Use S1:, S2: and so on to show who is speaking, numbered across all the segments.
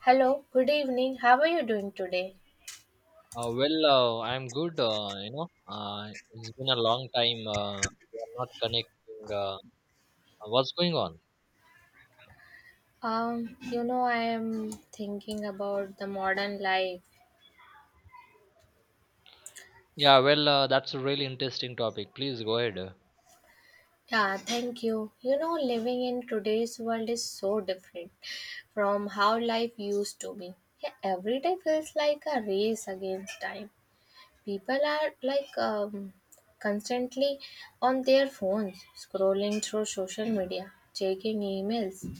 S1: Hello, good evening. How are you doing today?
S2: Well, I'm good. It's been a long time. We are not connecting. What's going on?
S1: You know, I am thinking about the modern life.
S2: Yeah, well, that's a really interesting topic. Please go ahead.
S1: Yeah, thank you. You know, living in today's world is so different from how life used to be. Yeah, every day feels like a race against time. People are like constantly on their phones, scrolling through social media, checking emails,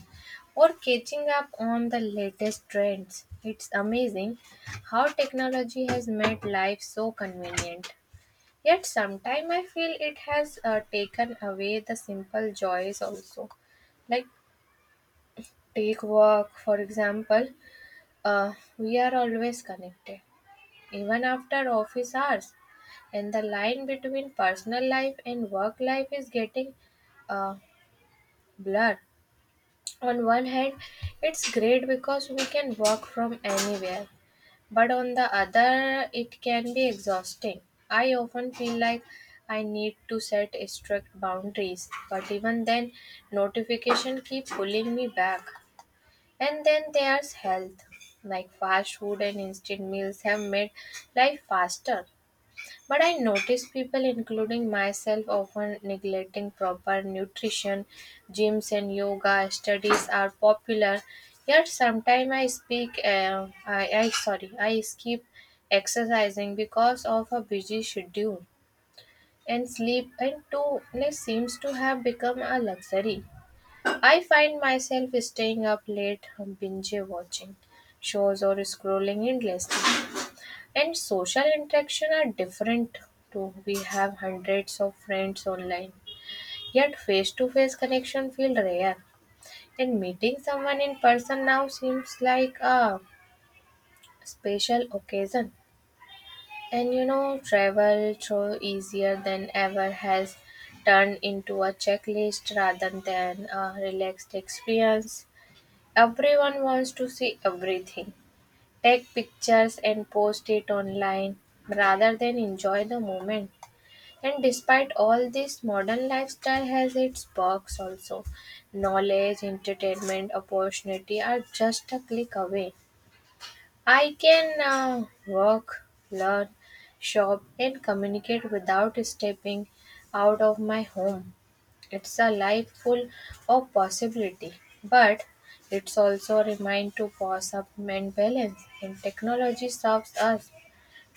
S1: or catching up on the latest trends. It's amazing how technology has made life so convenient. Yet sometimes I feel it has taken away the simple joys also. Like take work, for example, we are always connected, even after office hours. And the line between personal life and work life is getting uh, blurred. On one hand, it's great because we can work from anywhere, but on the other it can be exhausting. I often feel like I need to set strict boundaries, but even then notification keep pulling me back. And then there's health. Like fast food and instant meals have made life faster, but I notice people, including myself, often neglecting proper nutrition. Gyms and yoga studies are popular, yet sometimes I speak, I sorry, I skip exercising because of a busy schedule. And sleep and too seems to have become a luxury. I find myself staying up late, binge watching shows, or scrolling endlessly. And social interaction are different too. We have hundreds of friends online, yet face to face connection feel rare. And meeting someone in person now seems like a special occasion. And you know, travel through easier than ever has turned into a checklist rather than a relaxed experience. Everyone wants to see everything, take pictures and post it online rather than enjoy the moment. And despite all this, modern lifestyle has its perks also. Knowledge, entertainment, opportunity are just a click away. I can work, learn, shop, and communicate without stepping out of my home. It's a life full of possibility, but it's also a reminder to pause up and balance. And technology serves us,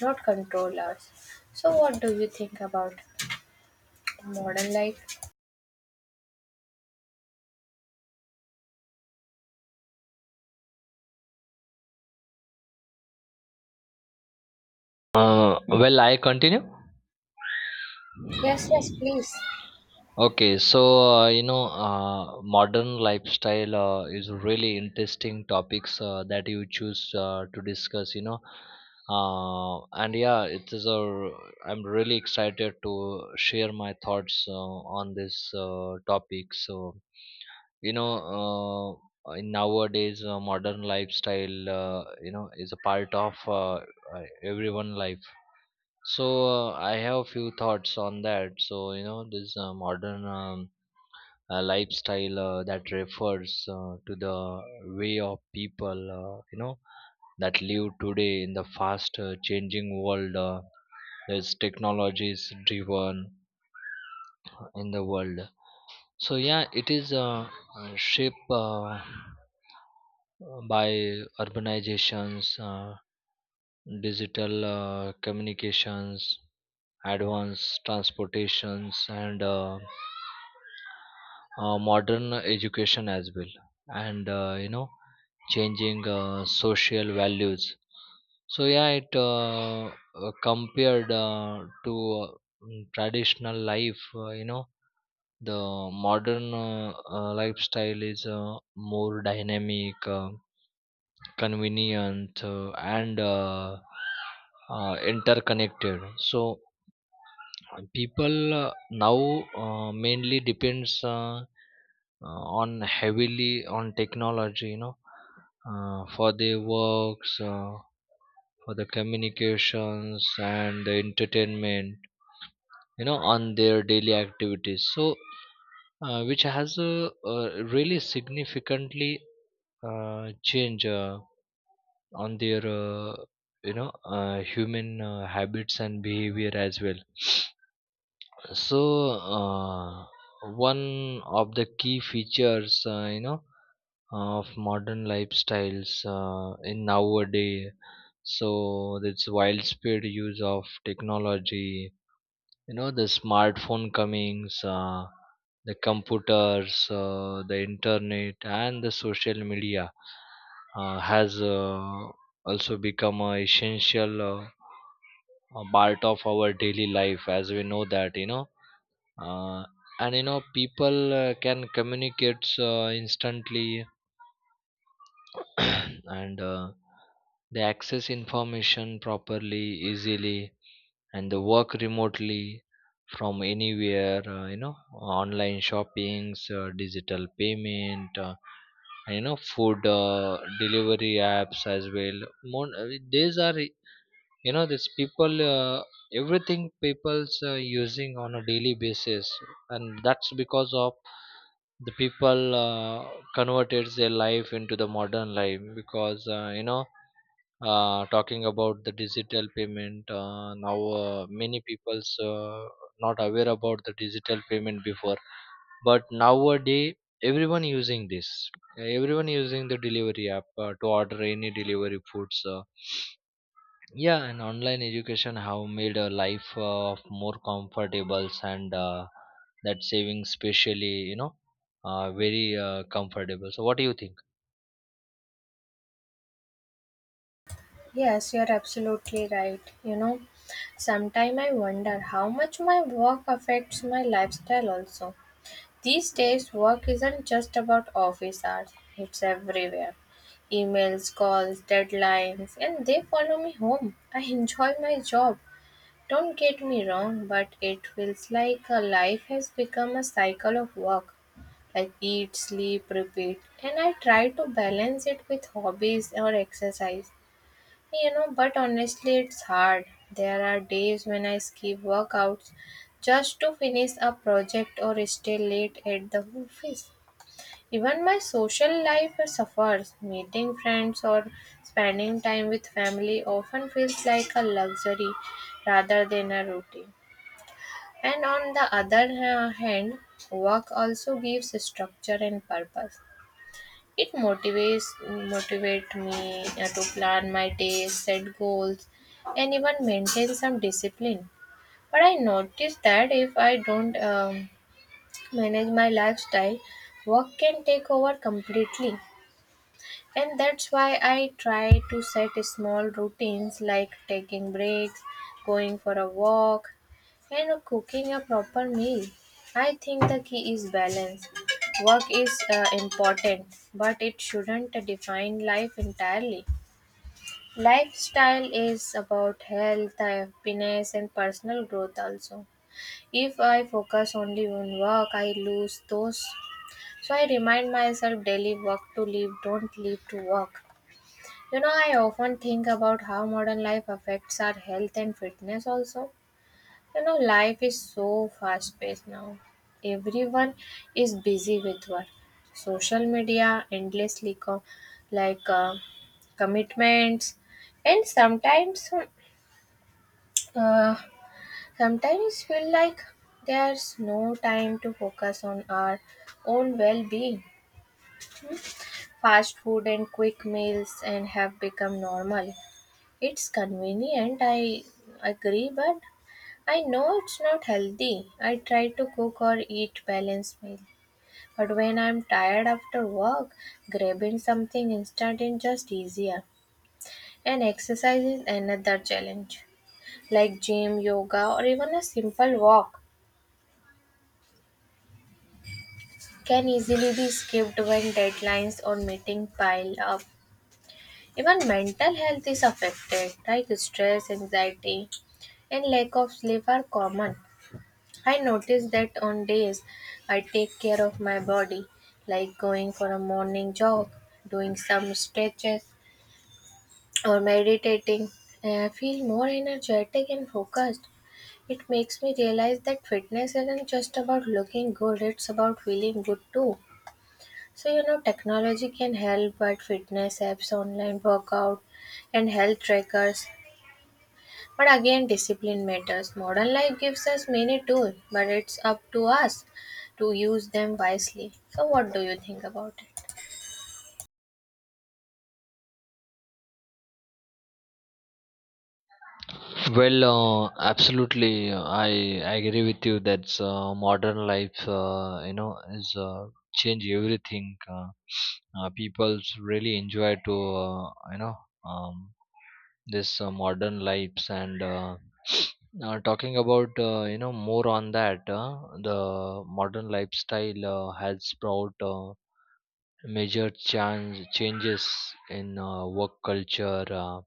S1: not control us. So, what do you think about modern life?
S2: Well, I continue.
S1: Yes, yes, please.
S2: Okay, so modern lifestyle is really interesting topics that you choose to discuss. And yeah, it is a. r- I'm really excited to share my thoughts on this topic. So you know, in nowadays, modern lifestyle, is a part of everyone life. So I have few thoughts on that. So this modern. Lifestyle that refers to the way of people that live today in the fast changing world, as technology is driven in the world. So yeah, it is shaped by urbanizations, digital communications, advanced transportations, and modern education as well, and changing social values. So yeah, it compared to traditional life. The modern lifestyle is more dynamic, convenient, and interconnected. So people now mainly depends on heavily on technology, for their works, for the communications and the entertainment, on their daily activities. So which has really significantly change on their human habits and behavior as well. So uh, one of the key features, of modern lifestyles in nowadays, so this wild speed use of technology, you know, the smartphone comings, the computers, the internet, and the social media has also become a essential, a part of our daily life, as we know that. Uh, and people can communicate instantly. And they access information properly, easily, and the work remotely from anywhere. Online shoppings, digital payment, and food delivery apps as well. These are, you know, these people everything people's using on a daily basis. And that's because of the people converted their life into the modern life. Because talking about the digital payment now, many people's not aware about the digital payment before. But nowadays, everyone using this everyone using the delivery app to order any delivery foods. Yeah, and online education have made a life of more comfortable, and that saving specially, you know, very comfortable. So what do you think?
S1: Yes, you're absolutely right. You know, sometimes I wonder how much my work affects my lifestyle also. These days work isn't just about office hours, it's everywhere. Emails, calls, deadlines, and they follow me home. I enjoy my job, don't get me wrong, but it feels like a life has become a cycle of work, like eat, sleep, repeat. And I try to balance it with hobbies or exercise. You know, but honestly, it's hard. There are days when I skip workouts just to finish a project or stay late at the office. Even my social life suffers. Meeting friends or spending time with family often feels like a luxury rather than a routine. And on the hand, work also gives structure and purpose. It motivate me to plan my days, set goals, and even maintain some discipline. But I noticed that if I don't manage my lifestyle, work can take over completely. And that's why I try to set small routines like taking breaks, going for a walk, and cooking a proper meal. I think the key is balance. Work is important, but it shouldn't define life entirely. Lifestyle is about health, happiness, and personal growth also. If I focus only on work, I lose those. So I remind myself daily, work to live, don't live to work. You know, I often think about how modern life affects our health and fitness also. You know, life is so fast paced now. Everyone is busy with work, social media, endlessly co- like commitments, and uh, sometimes feel like there's no time to focus on our own well-being. Fast food and quick meals and have become normal. It's convenient, I agree, but I know it's not healthy. I try to cook or eat balanced meal. But when I'm tired after work, grabbing something instant is just easier. And exercise is another challenge. Like gym, yoga, or even a simple walk can easily be skipped when deadlines or meeting pile up. Even mental health is affected, like stress, anxiety, and lack of sleep are common. I notice that on days I take care of my body, like going for a morning jog, doing some stretches, or meditating, I feel more energetic and focused. It makes me realize that fitness isn't just about looking good, it's about feeling good too. So, you know, technology can help, but fitness apps, online workout, and health trackers, but again, discipline matters. Modern life gives us many tools, but it's up to us to use them wisely. So, what do you think about it?
S2: Well, absolutely, I agree with you that modern life, is change everything. People really enjoy to um, this modern lives, and talking about, more on that, the modern lifestyle has brought major changes in work culture. Uh,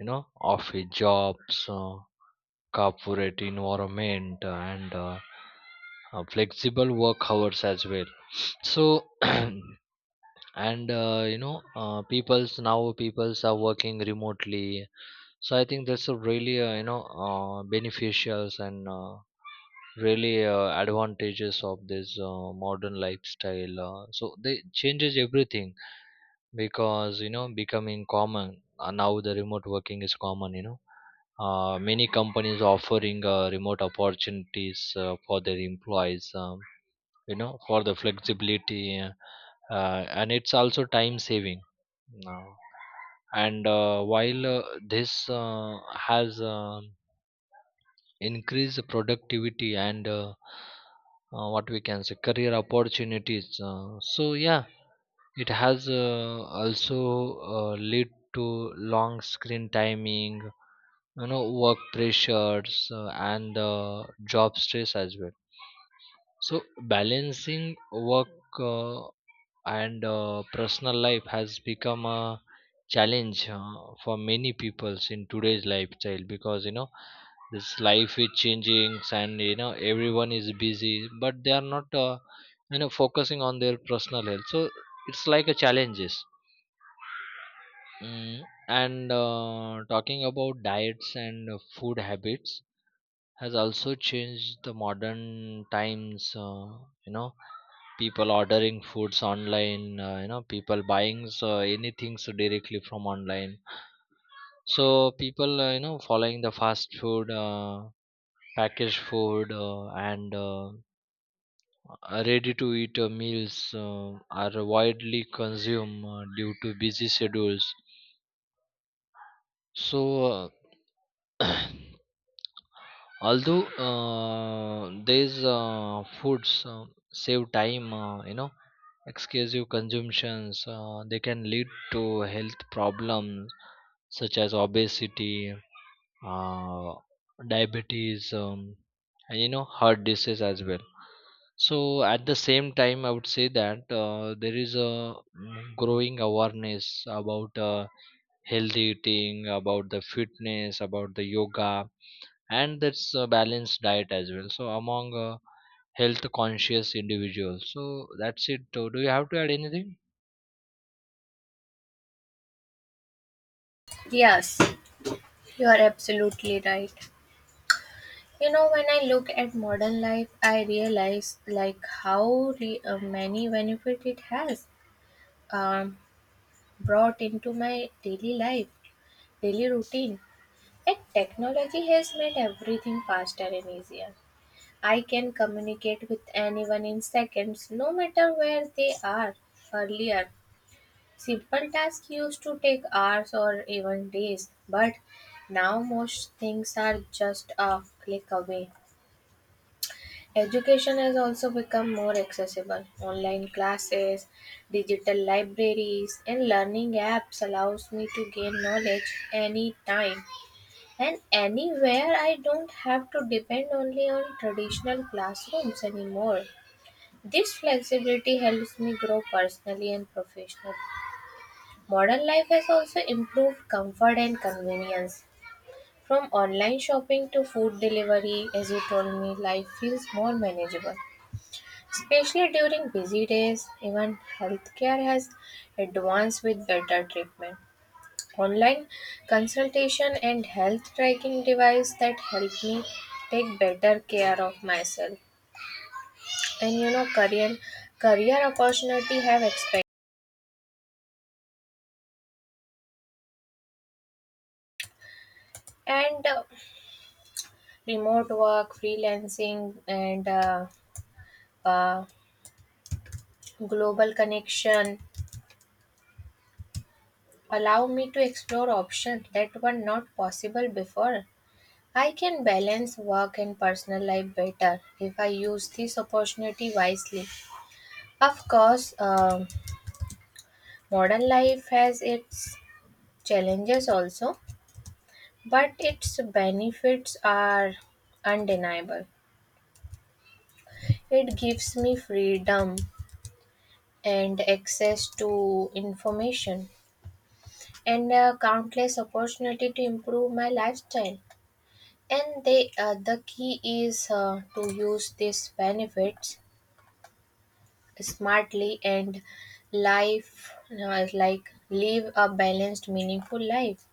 S2: you know, Office jobs. Corporate environment, and flexible work hours as well. So and people's are working remotely. So I think that's a really beneficials, and really advantages of this modern lifestyle, so they changes everything, because, you know, becoming common now the remote working is common. You know, many companies offering remote opportunities for their employees, for the flexibility, and it's also time saving now. And while this has increased productivity, and what we can say, career opportunities. So yeah, it has also led to long screen timing, you know, work pressures, and job stress as well. So balancing work uh, and personal life has become a challenge for many peoples in today's lifestyle, because, you know, this life is changing, and, you know, everyone is busy, but they are not focusing on their personal health. So it's like a challenges. Mm, and talking about diets and food habits has also changed the modern times. You know People ordering foods online, people buying anything so directly from online. So people following the fast food, packaged food, and ready to eat meals are widely consumed due to busy schedules. So uh, although these foods save time, excessive consumptions they can lead to health problems such as obesity, uh, diabetes, and heart disease as well. So at the same time, I would say that there is a growing awareness about healthy eating, about the fitness, about the yoga, and that's a balanced diet as well, so among health conscious individuals. So that's it. Do you have to add anything?
S1: Yes, you are absolutely right. You know, when I look at modern life, I realize like how many benefit it has um, brought into my daily life, daily routine. And technology has made everything faster and easier. I can communicate with anyone in seconds, no matter where they are. Earlier, simple tasks used to take hours or even days, but now most things are just a click away. Education has also become more accessible. Online classes, digital libraries, and learning apps allows me to gain knowledge anytime and anywhere. I don't have to depend only on traditional classrooms anymore. This flexibility helps me grow personally and professionally. Modern life has also improved comfort and convenience. From online shopping to food delivery, as you told me, life feels more manageable. Especially during busy days, even healthcare has advanced with better treatment. Online consultation and health tracking device that help me take better care of myself. And you know, career opportunity have expanded, and remote work, freelancing, and uh, global connection allow me to explore options that were not possible before. I can balance work and personal life better if I use this opportunity wisely. Of course, modern life has its challenges also, but its benefits are undeniable. It gives me freedom and access to information and countless opportunity to improve my lifestyle. And the key is to use these benefits smartly and life like live a balanced meaningful life.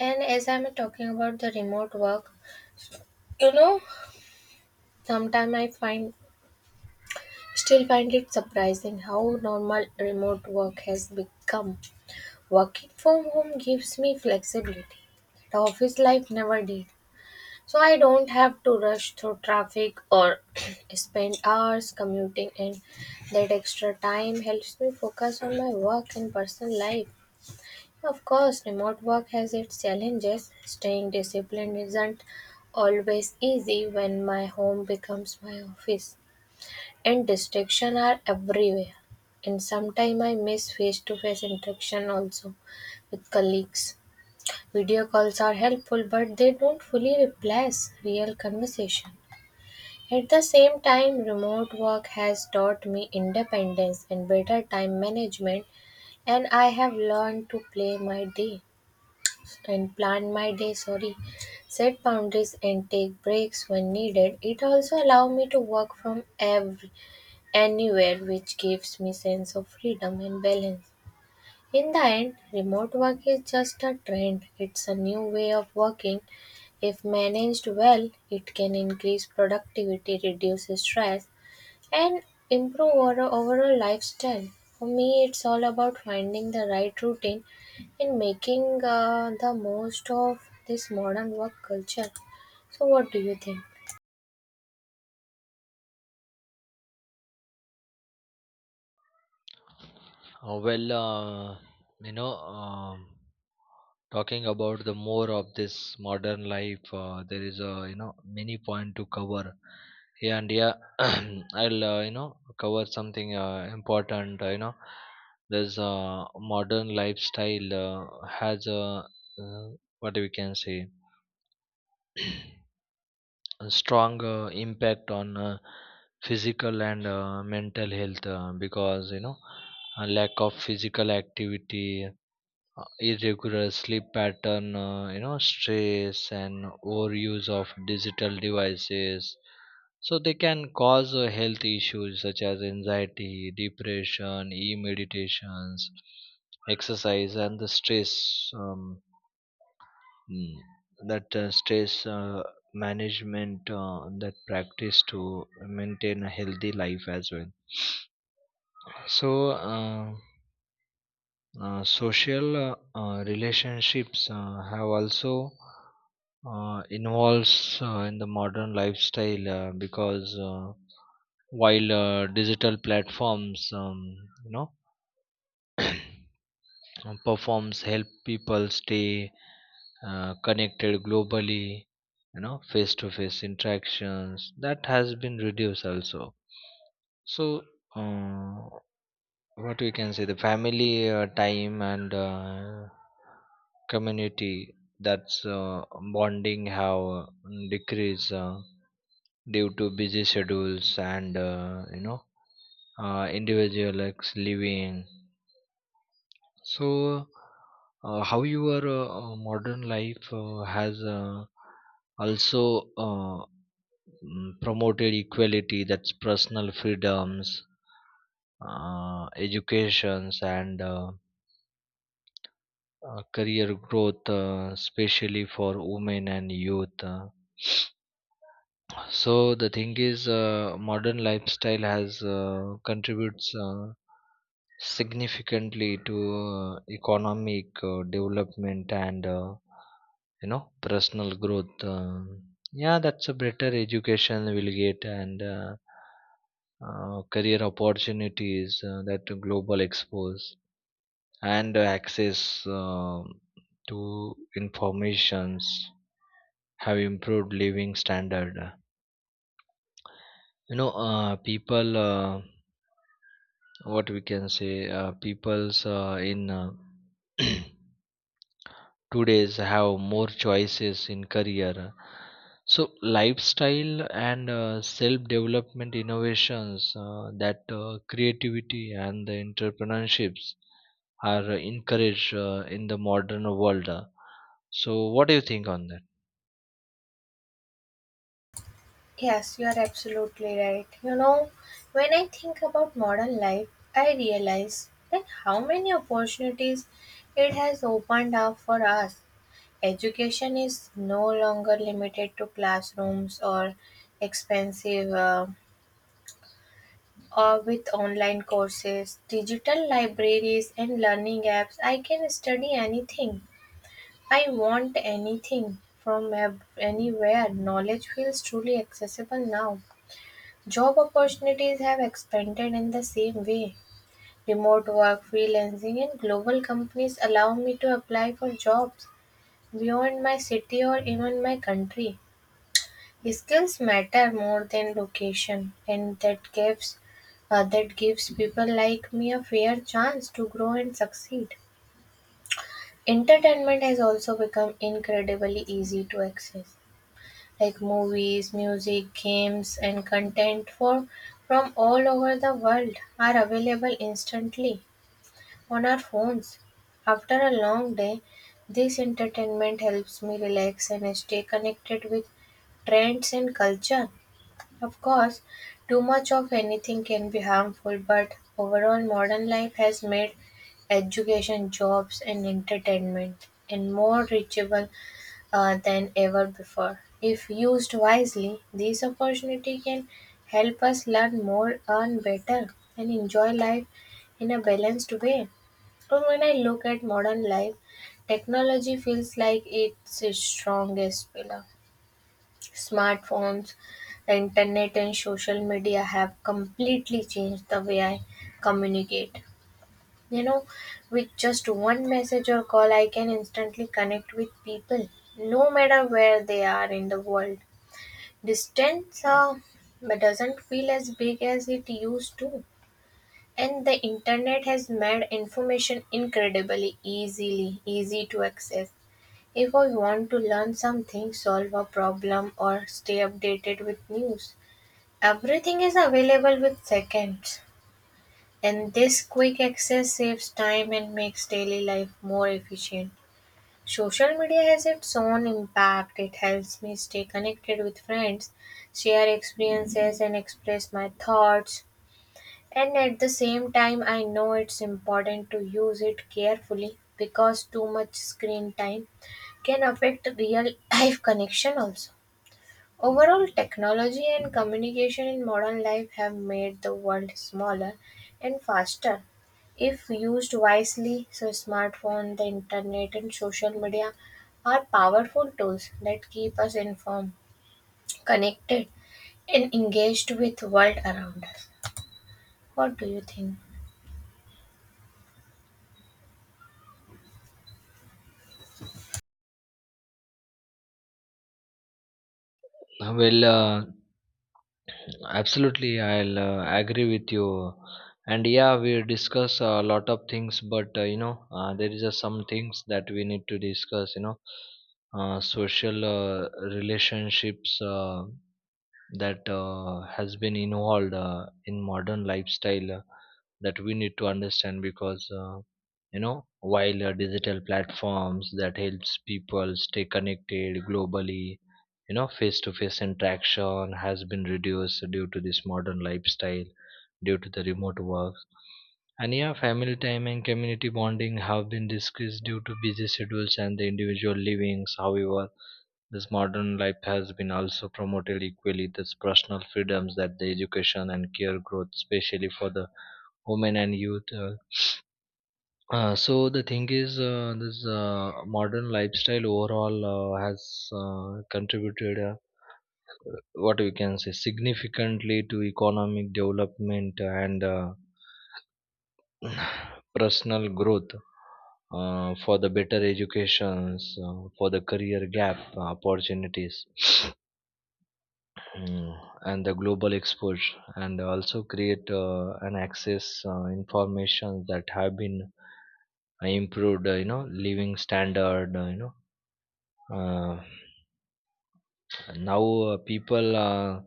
S1: And as I'm talking about the remote work, you know, sometimes I find still find it surprising how normal remote work has become. Working from home gives me flexibility that office life never did. So I don't have to rush through traffic or spend hours commuting, and that extra time helps me focus on my work and personal life. Of course, remote work has its challenges. Staying disciplined isn't always easy when my home becomes my office. And distractions are everywhere. And sometimes I miss face to face interaction also with colleagues. Video calls are helpful, but they don't fully replace real conversation. At the same time, remote work has taught me independence and better time management, and I have learned to play my day and plan my day, sorry, set boundaries and take breaks when needed. It also allow me to work from every anywhere, which gives me sense of freedom and balance. In the end, remote work is just a trend, it's a new way of working. If managed well, it can increase productivity, reduce stress, and improve our overall lifestyle. For me it's all about finding the right routine and making the most of this modern work culture. So what do you think?
S2: Well, you know um, talking about the more of this modern life, there is a, you know, many point to cover. Yeah, and yeah, I'll cover something important. There's a modern lifestyle has a, uh, what we can say, a strong impact on physical and mental health, because, you know, a lack of physical activity, irregular sleep pattern, stress and overuse of digital devices. So they can cause health issues such as anxiety, depression, e meditations, exercise, and the stress. um, mm, that stress management that practice to maintain a healthy life as well. So uh, social relationships have also involves in the modern lifestyle, because while digital platforms, you know performs help people stay connected globally, you know, face to face interactions that has been reduced also. So uh, what we can say, the family time and community, that's bonding have decreased due to busy schedules and individual ex living. So how your modern life has also promoted equality, that's personal freedoms, educations, and career growth, especially for women and youth. So the thing is, modern lifestyle has contributes significantly to economic development, and personal growth. Yeah, that's a better education we'll get, and career opportunities that global expose and access to informations have improved living standard. You know, people what we can say, people's in today's have more choices in career, so lifestyle, and self development innovations, that creativity and the entrepreneurships are encouraged in the modern world. So what do you think on
S1: Yes, you are absolutely right. You know, when I think about modern life, I realize that how many opportunities it has opened up for us. Education is no longer limited to classrooms or expensive or with online courses, digital libraries and learning apps. I can study anything. I want anything from anywhere. Knowledge feels truly accessible now. Job opportunities have expanded in the same way: remote work, freelancing, and global companies allow me to apply for jobs beyond my city or even my country. Skills matter more than location, and that gives people like me a fair chance to grow and succeed. Entertainment has also become incredibly easy to access. Like movies, music, games, and content for from all over the world are available instantly on our phones. After a long day, this entertainment helps me relax and stay connected with trends and culture. Of course, too much of anything can be harmful, but overall, modern life has made education, jobs, and entertainment and more reachable than ever before. If used wisely, these opportunity can help us learn more, earn better, and enjoy life in a balanced way. But when I look at modern life, technology feels like it's its strongest pillar. Smartphones, the internet, and social media have completely changed the way I communicate. You know, with just one message or call, I can instantly connect with people, no matter where they are in the world. Distance but doesn't feel as big as it used to. And the internet has made information easy to access. If I want to learn something, solve a problem, or stay updated with news, everything is available with seconds. And this quick access saves time and makes daily life more efficient. Social media has its own impact. It helps me stay connected with friends, share experiences, and express my thoughts. And at the same time, I know it's important to use it carefully because too much screen time can affect real life connection also. Overall, technology and communication in modern life have made the world smaller and faster. If used wisely, so smartphone, the internet, and social media are powerful tools that keep us informed, connected, and engaged with world around us. What do you think?
S2: that? Well, absolutely, I'll agree with you. And yeah, we discuss a lot of things, but there is some things that we need to discuss. You know, social relationships. That has been involved in modern lifestyle that we need to understand, because while digital platforms that helps people stay connected globally, you know, face to face interaction has been reduced due to this modern lifestyle, due to the remote work. And yeah, family time and community bonding have been decreased due to busy schedules and the individual livings. However, this modern life has been also promoted equally these personal freedoms, that the education and career growth, especially for the women and youth. So the thing is, this modern lifestyle overall has contributed, what we can say, significantly to economic development, and personal growth. For the better educations, for the career gap opportunities. Mm, and the global exposure, and also create an access information that have been improved, living standard, you know, uh, now, people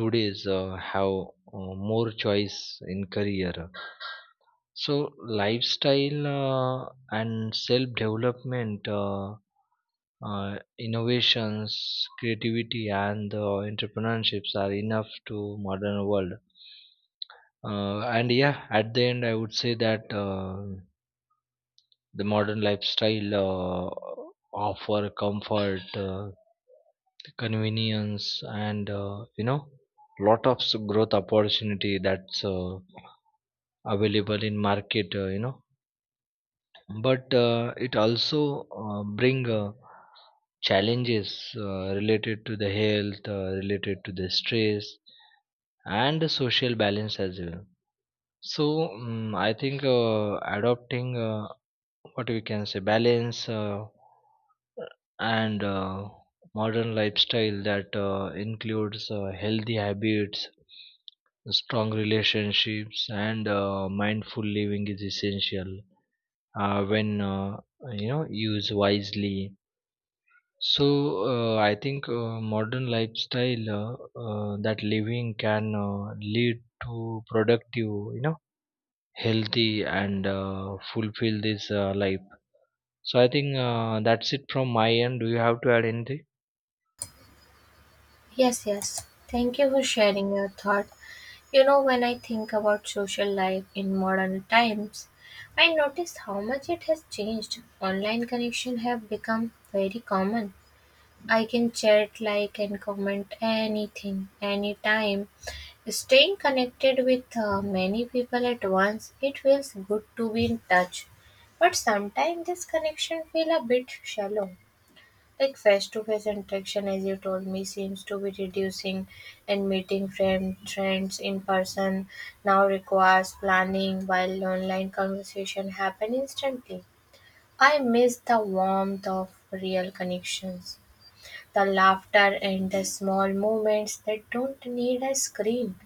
S2: today's have more choice in career, so lifestyle, and self development, innovations, creativity, and entrepreneurships are enough to modern world. And yeah, at the end, I would say that the modern lifestyle offer comfort, convenience, and lot of growth opportunity that's available in market. But it also bring challenges related to the health, related to the stress, and the social balance as well. So I think adopting what we can say, balance, and modern lifestyle that includes healthy habits, strong relationships, and mindful living is essential when used wisely. So I think modern lifestyle that living can lead to productive, you know, healthy, and fulfill this life. So I think that's it from my end. Do you have to add anything?
S1: Yes, yes. Thank you for sharing your thought. You know, when I think about social life in modern times, I notice how much it has changed. Online connection have become very common. I can chat, like, and comment anything, anytime. Staying connected with many people at once, it feels good to be in touch. But sometimes this connection feel a bit shallow. Like face-to-face interaction, as you told me, seems to be reducing, and meeting friends in person now requires planning, while online conversation happen instantly. I miss the warmth of real connections, the laughter and the small moments that don't need a screen.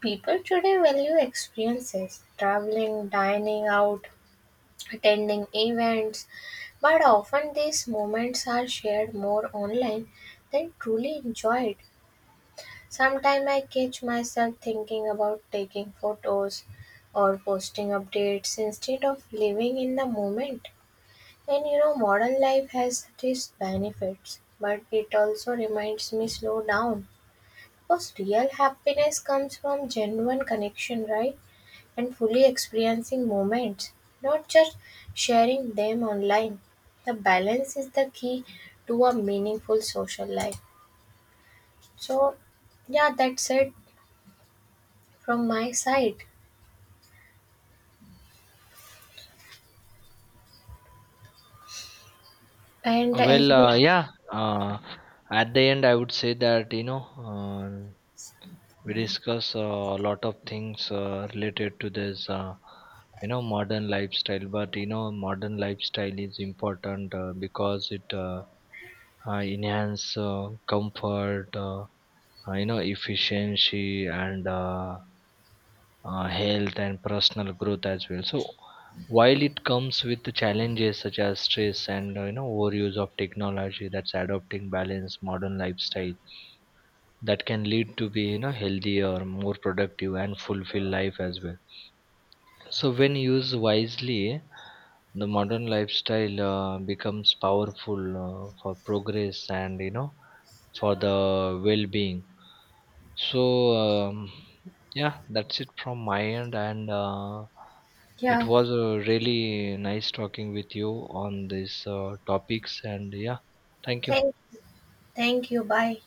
S1: People today value experiences, traveling, dining out, attending events, but often these moments are shared more online than truly enjoyed. Sometimes I catch myself thinking about taking photos or posting updates instead of living in the moment. And you know, modern life has these benefits, but it also reminds me slow down. Because real happiness comes from genuine connection, right? And fully experiencing moments, not just sharing them online. The balance is the key to a meaningful social life. So, yeah, that's it from my side. And as
S2: Well,
S1: we,
S2: yeah. At the end, I would say that uh, we discuss a lot of things related to this. Modern lifestyle, but, you know, modern lifestyle is important, because it enhance comfort, efficiency, and health and personal growth as well. So while it comes with the challenges such as stress and overuse of technology, that's adopting balanced modern lifestyle that can lead to be, you know, healthier, more productive, and fulfilled life as well. So when used wisely, the modern lifestyle becomes powerful for progress and, you know, for the well-being. So, yeah, that's it from my end, and it
S1: yeah,
S2: was really nice talking with you on these topics. And yeah, thank you.
S1: thank, thank you. Bye.